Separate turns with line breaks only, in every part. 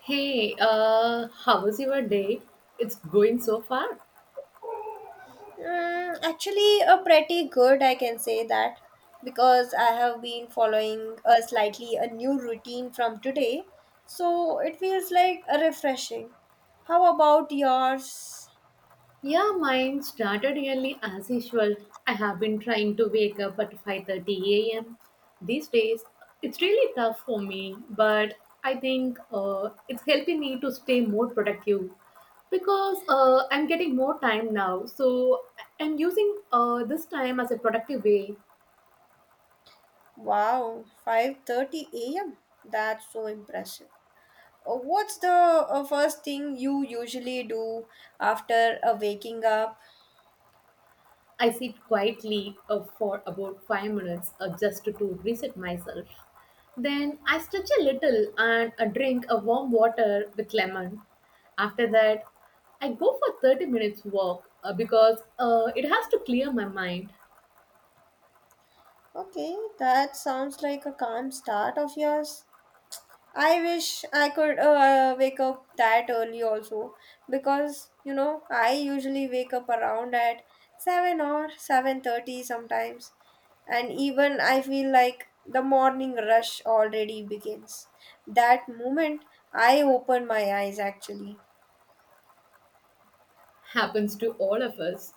Hey, how was your day? It's going so far.
A pretty good, I can say that, because I have been following a slightly a new routine from today, so it feels like a refreshing. How about yours?
Yeah, mine started early as usual. I have been trying to wake up at 5:30 a.m. These days, it's really tough for me, but I think it's helping me to stay more productive because I'm getting more time now. So I'm using this time as a productive way.
Wow, 5:30 a.m. That's so impressive. What's the first thing you usually do after waking up?
I sit quietly for about 5 minutes just to reset myself. Then I stretch a little and drink a warm water with lemon. After that, I go for 30 minutes walk because it has to clear my mind.
Okay, that sounds like a calm start of yours. I wish I could wake up that early also because you know I usually wake up around at 7 or 7:30 sometimes, and even I feel like the morning rush already begins. That moment I open my eyes actually.
Happens to all of us.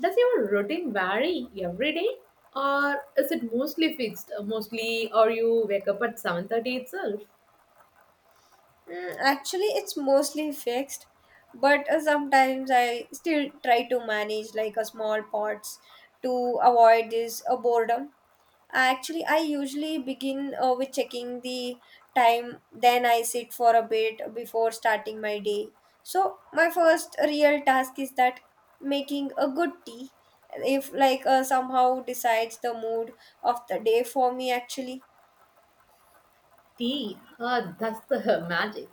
Does your routine vary every day or is it mostly fixed? Mostly, or you wake up at 7:30 itself?
Actually, it's mostly fixed, but sometimes I still try to manage like a small pots to avoid this boredom. Actually, I usually begin with checking the time, then I sit for a bit before starting my day. So, my first real task is that making a good tea, if like somehow decides the mood of the day for me actually.
Tea, that's the magic.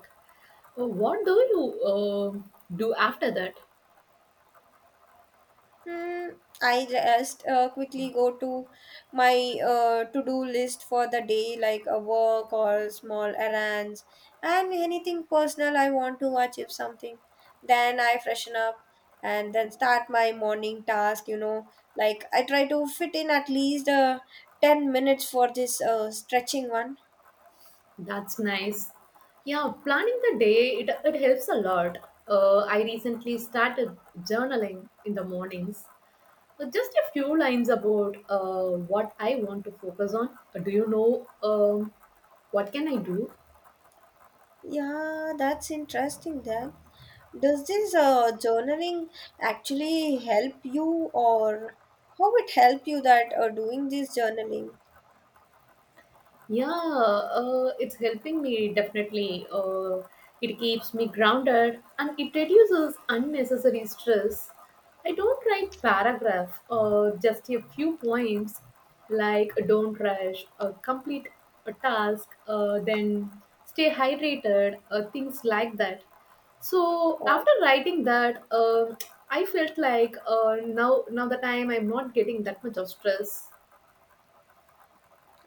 Oh, what do you do after that?
Hmm, I just quickly go to my to-do list for the day, like a work or small errands and anything personal I want to watch if something. Then I freshen up and then start my morning task, you know, like I try to fit in at least 10 minutes for this stretching one.
That's nice. Yeah, planning the day, it helps a lot. I recently started journaling in the mornings. Just a few lines about what I want to focus on. Do you know what can I do?
Yeah, that's interesting then. Does this journaling actually help you, or how it help you that doing this journaling?
Yeah, it's helping me definitely. It keeps me grounded and it reduces unnecessary stress. I don't write paragraph or just a few points like don't rush, complete a task, then stay hydrated, things like that. So
Oh,
after writing that, I felt like now now that I'm not getting that much of stress.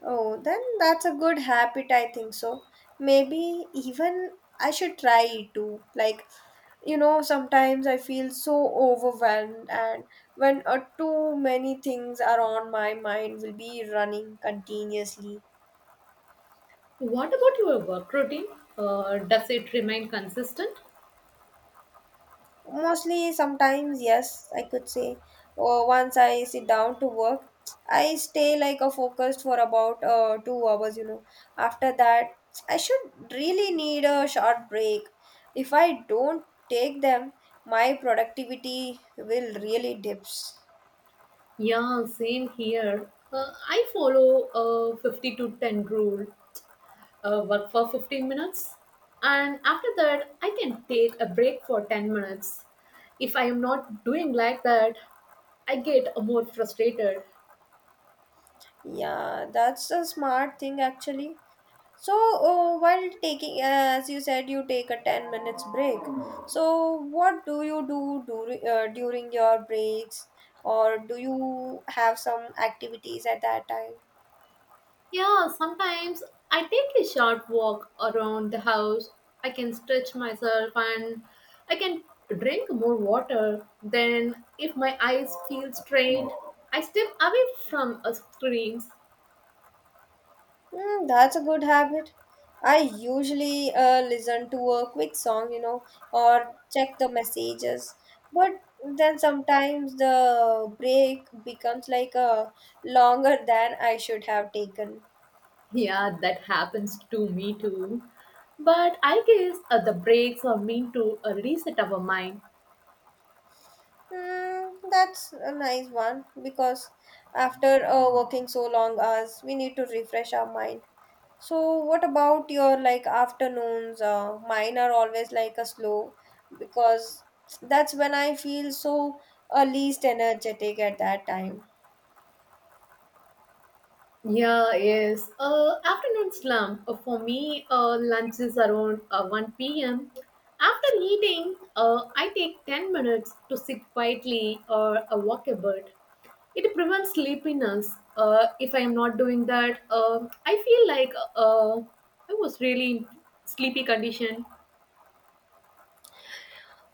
oh, then that's a good habit, I think so. Maybe even I should try it too. Like you know, sometimes I feel so overwhelmed, and when too many things are on my mind, will be running continuously.
What about your work routine? Does it remain consistent?
Mostly, sometimes, yes, I could say. Or once I sit down to work, I stay like a focused for about 2 hours, you know. After that, I should really need a short break. If I don't take them, my productivity will really dips.
Yeah, same here. I follow a 50 to 10 rule, work for 15 minutes, and after that, I can take a break for 10 minutes. If I am not doing like that, I get more frustrated.
Yeah, that's a smart thing actually. So while taking, as you said, you take a 10 minutes break. So what do you do during during your breaks, or do you have some activities at that time?
Yeah, sometimes I take a short walk around the house. I can stretch myself and I can drink more water. Then, if my eyes feel strained, I step away from a screens.
Hmm, that's a good habit. I usually listen to a quick song, you know, or check the messages. But then sometimes the break becomes like a longer than I should have taken.
Yeah, that happens to me too. But I guess the breaks are meant to reset our mind.
That's a nice one because after working so long hours, we need to refresh our mind. So, what about your like afternoons? Mine are always like a slow because that's when I feel so least energetic at that time.
Yeah, yes. Afternoon slump. For me, lunch is around 1 p.m. After eating, I take 10 minutes to sit quietly or walk a bit. It prevents sleepiness. If I am not doing that, I feel like I was really in sleepy condition.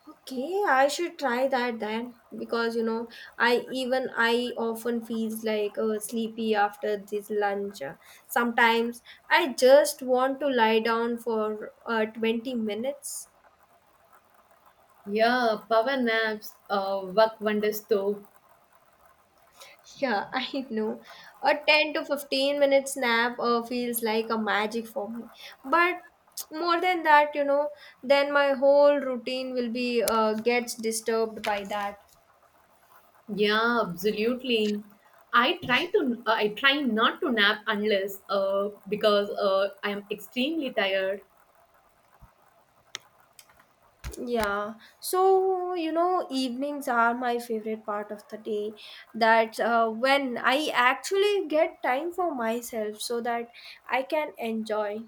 Okay, I should try that then because you know I even I often feels like sleepy after this lunch. Sometimes I just want to lie down for 20 minutes.
Yeah, power naps work wonders too.
Yeah, I know. A 10 to 15 minutes nap feels like a magic for me. But more than that, you know, then my whole routine will be gets disturbed by that.
Yeah, absolutely. I try not to nap unless because I am extremely tired.
Yeah, so you know, evenings are my favorite part of the day. That's when I actually get time for myself so that I can enjoy.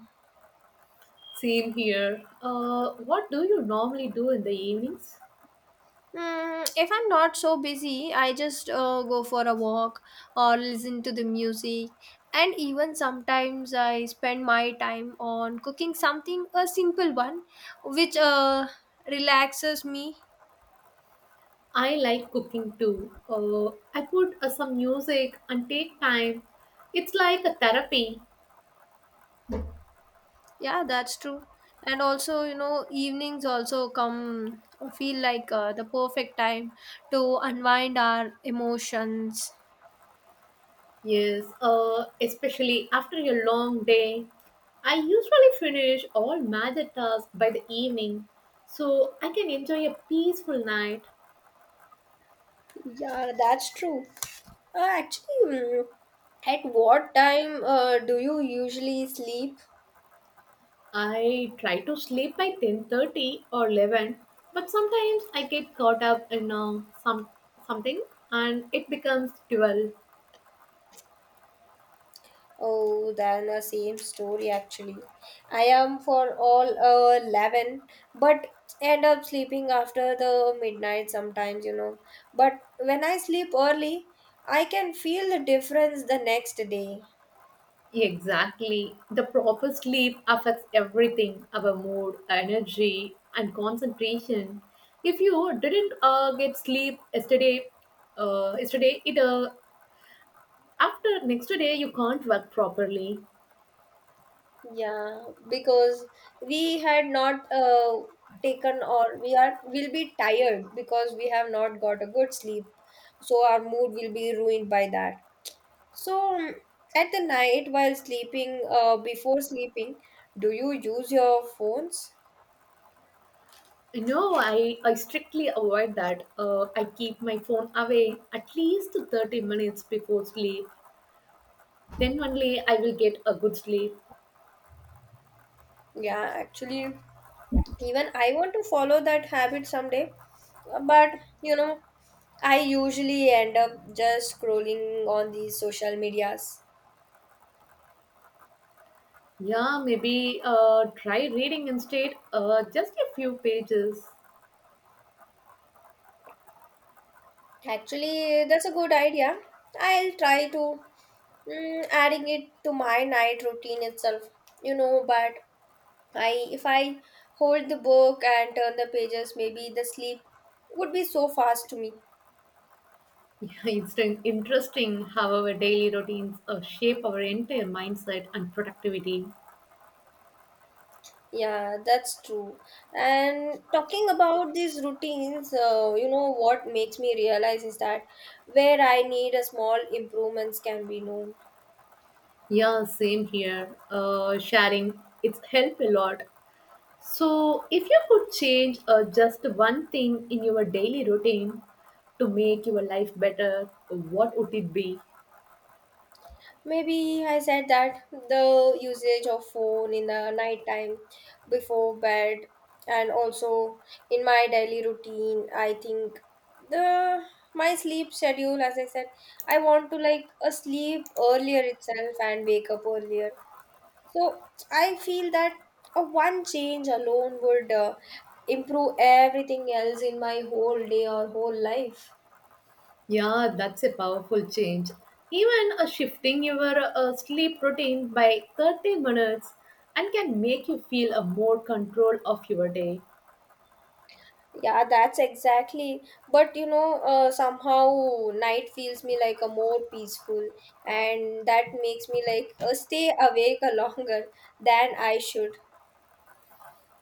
Same here. What do you normally do in the evenings?
If I'm not so busy, I just go for a walk or listen to the music. And even sometimes I spend my time on cooking something, a simple one, which relaxes me.
I like cooking too. I put some music and take time. It's like a therapy.
Yeah, that's true. And also, you know, evenings also come feel like the perfect time to unwind our emotions.
Yes. Especially after a long day. I usually finish all major tasks by the evening, so I can enjoy a peaceful night.
Yeah, that's true. Actually, at what time do you usually sleep?
I try to sleep by 10:30 or 11, but sometimes I get caught up in something, and it becomes 12.
Oh, than the same story actually. I am for all 11, but end up sleeping after the midnight sometimes, you know. But when I sleep early, I can feel the difference the next day.
Exactly. The proper sleep affects everything, our mood, energy and concentration. If you didn't yesterday it after next day you can't work properly.
Yeah, because we had not taken or we are will be tired because we have not got a good sleep. So our mood will be ruined by that. So, at the night while sleeping, before sleeping, do you use your phones?
No, I strictly avoid that. I keep my phone away at least 30 minutes before sleep. Then only I will get a good sleep.
Yeah, actually, even I want to follow that habit someday. But you know, I usually end up just scrolling on these social medias.
Yeah, maybe try reading instead, just a few pages.
Actually, that's a good idea. I'll try to adding it to my night routine itself, you know, but I if I hold the book and turn the pages, maybe the sleep would be so fast to me.
Yeah, it's interesting how our daily routines shape our entire mindset and productivity.
Yeah, that's true. And talking about these routines, you know what makes me realize is that where I need a small improvements can be known.
Yeah, same here. Sharing, it's helped a lot. So, if you could change just one thing in your daily routine to make your life better, what would it be?
Maybe I said that the usage of phone in the nighttime before bed, and also in my daily routine, I think the my sleep schedule, as I said, I want to like a sleep earlier itself and wake up earlier. So I feel that a one change alone would improve everything else in my whole day or whole life.
Yeah, that's a powerful change. Even shifting your sleep routine by 30 minutes and can make you feel a more control of your day.
Yeah, that's exactly. But you know, somehow night feels me like a more peaceful, and that makes me like stay awake a longer than I should.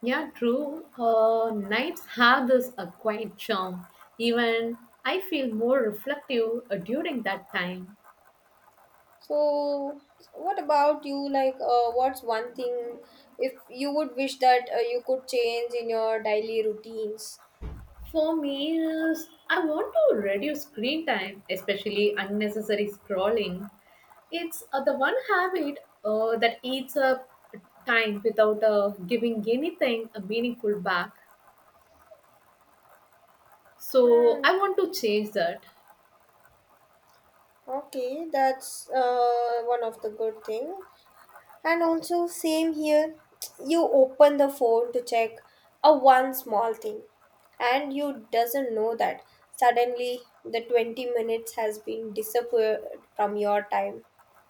Yeah, true. Nights have this a quiet charm. Even I feel more reflective during that time.
So, what about you? Like, what's one thing if you would wish that you could change in your daily routines?
For me, is I want to reduce screen time, especially unnecessary scrolling. It's the one habit that eats up time without giving anything a meaningful back. So
Hmm.
I want to change that.
Okay, that's one of the good thing. And also, same here, you open the phone to check a one small thing, and you doesn't know that suddenly the 20 minutes has been disappeared from your time.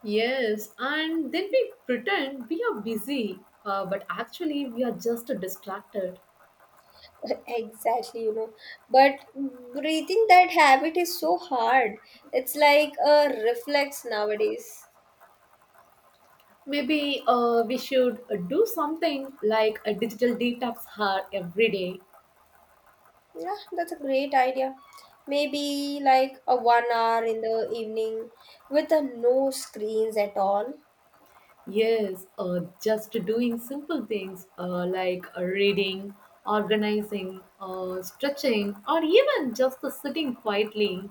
Yes, and then we pretend we are busy, but actually we are just distracted.
Exactly, you know. But breathing that habit is so hard. It's like a reflex nowadays.
Maybe we should do something like a digital detox hour every day.
Yeah, that's a great idea. Maybe like a one hour in the evening with a no screens at all.
Yes, just doing simple things like reading, organizing, stretching, or even just the sitting quietly.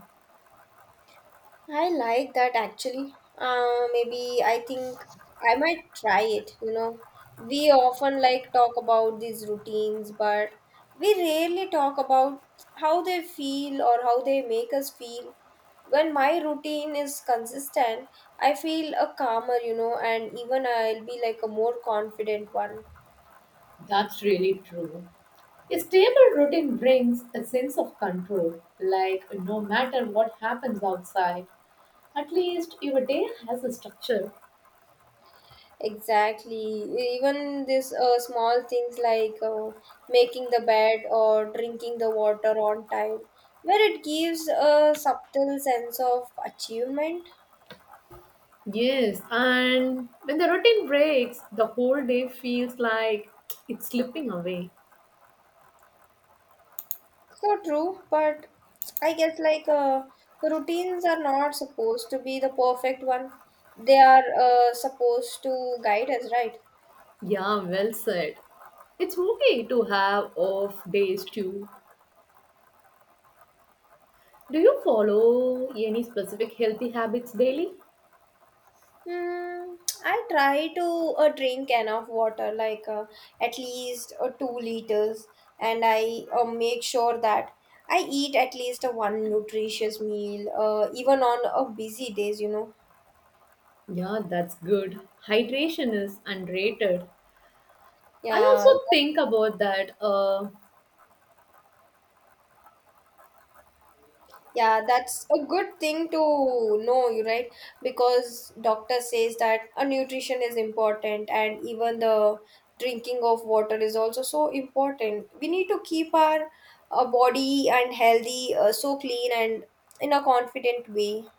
I like that actually. Maybe I think I might try it, you know. We often like talk about these routines, but we rarely talk about how they feel or how they make us feel. When my routine is consistent, I feel a calmer, you know, and even I'll be like a more confident one.
That's really true. A stable routine brings a sense of control, like no matter what happens outside, at least your day has a structure.
Exactly. Even this small things like making the bed or drinking the water on time, where it gives a subtle sense of achievement.
Yes, and when the routine breaks, the whole day feels like it's slipping away.
So true, but I guess like routines are not supposed to be the perfect one. They are supposed to guide us, right?
Yeah, well said. It's okay to have off days too. Do you follow any specific healthy habits daily?
Hmm, I try to drink enough water, like at least 2 liters, and I make sure that I eat at least a one nutritious meal, even on busy days, you know.
Yeah, that's good. Hydration is underrated. I
Yeah,
also think about that.
yeah, that's a good thing to know, you right? Because doctor says that a nutrition is important, and even the drinking of water is also so important. We need to keep our body and healthy so clean and in a confident way.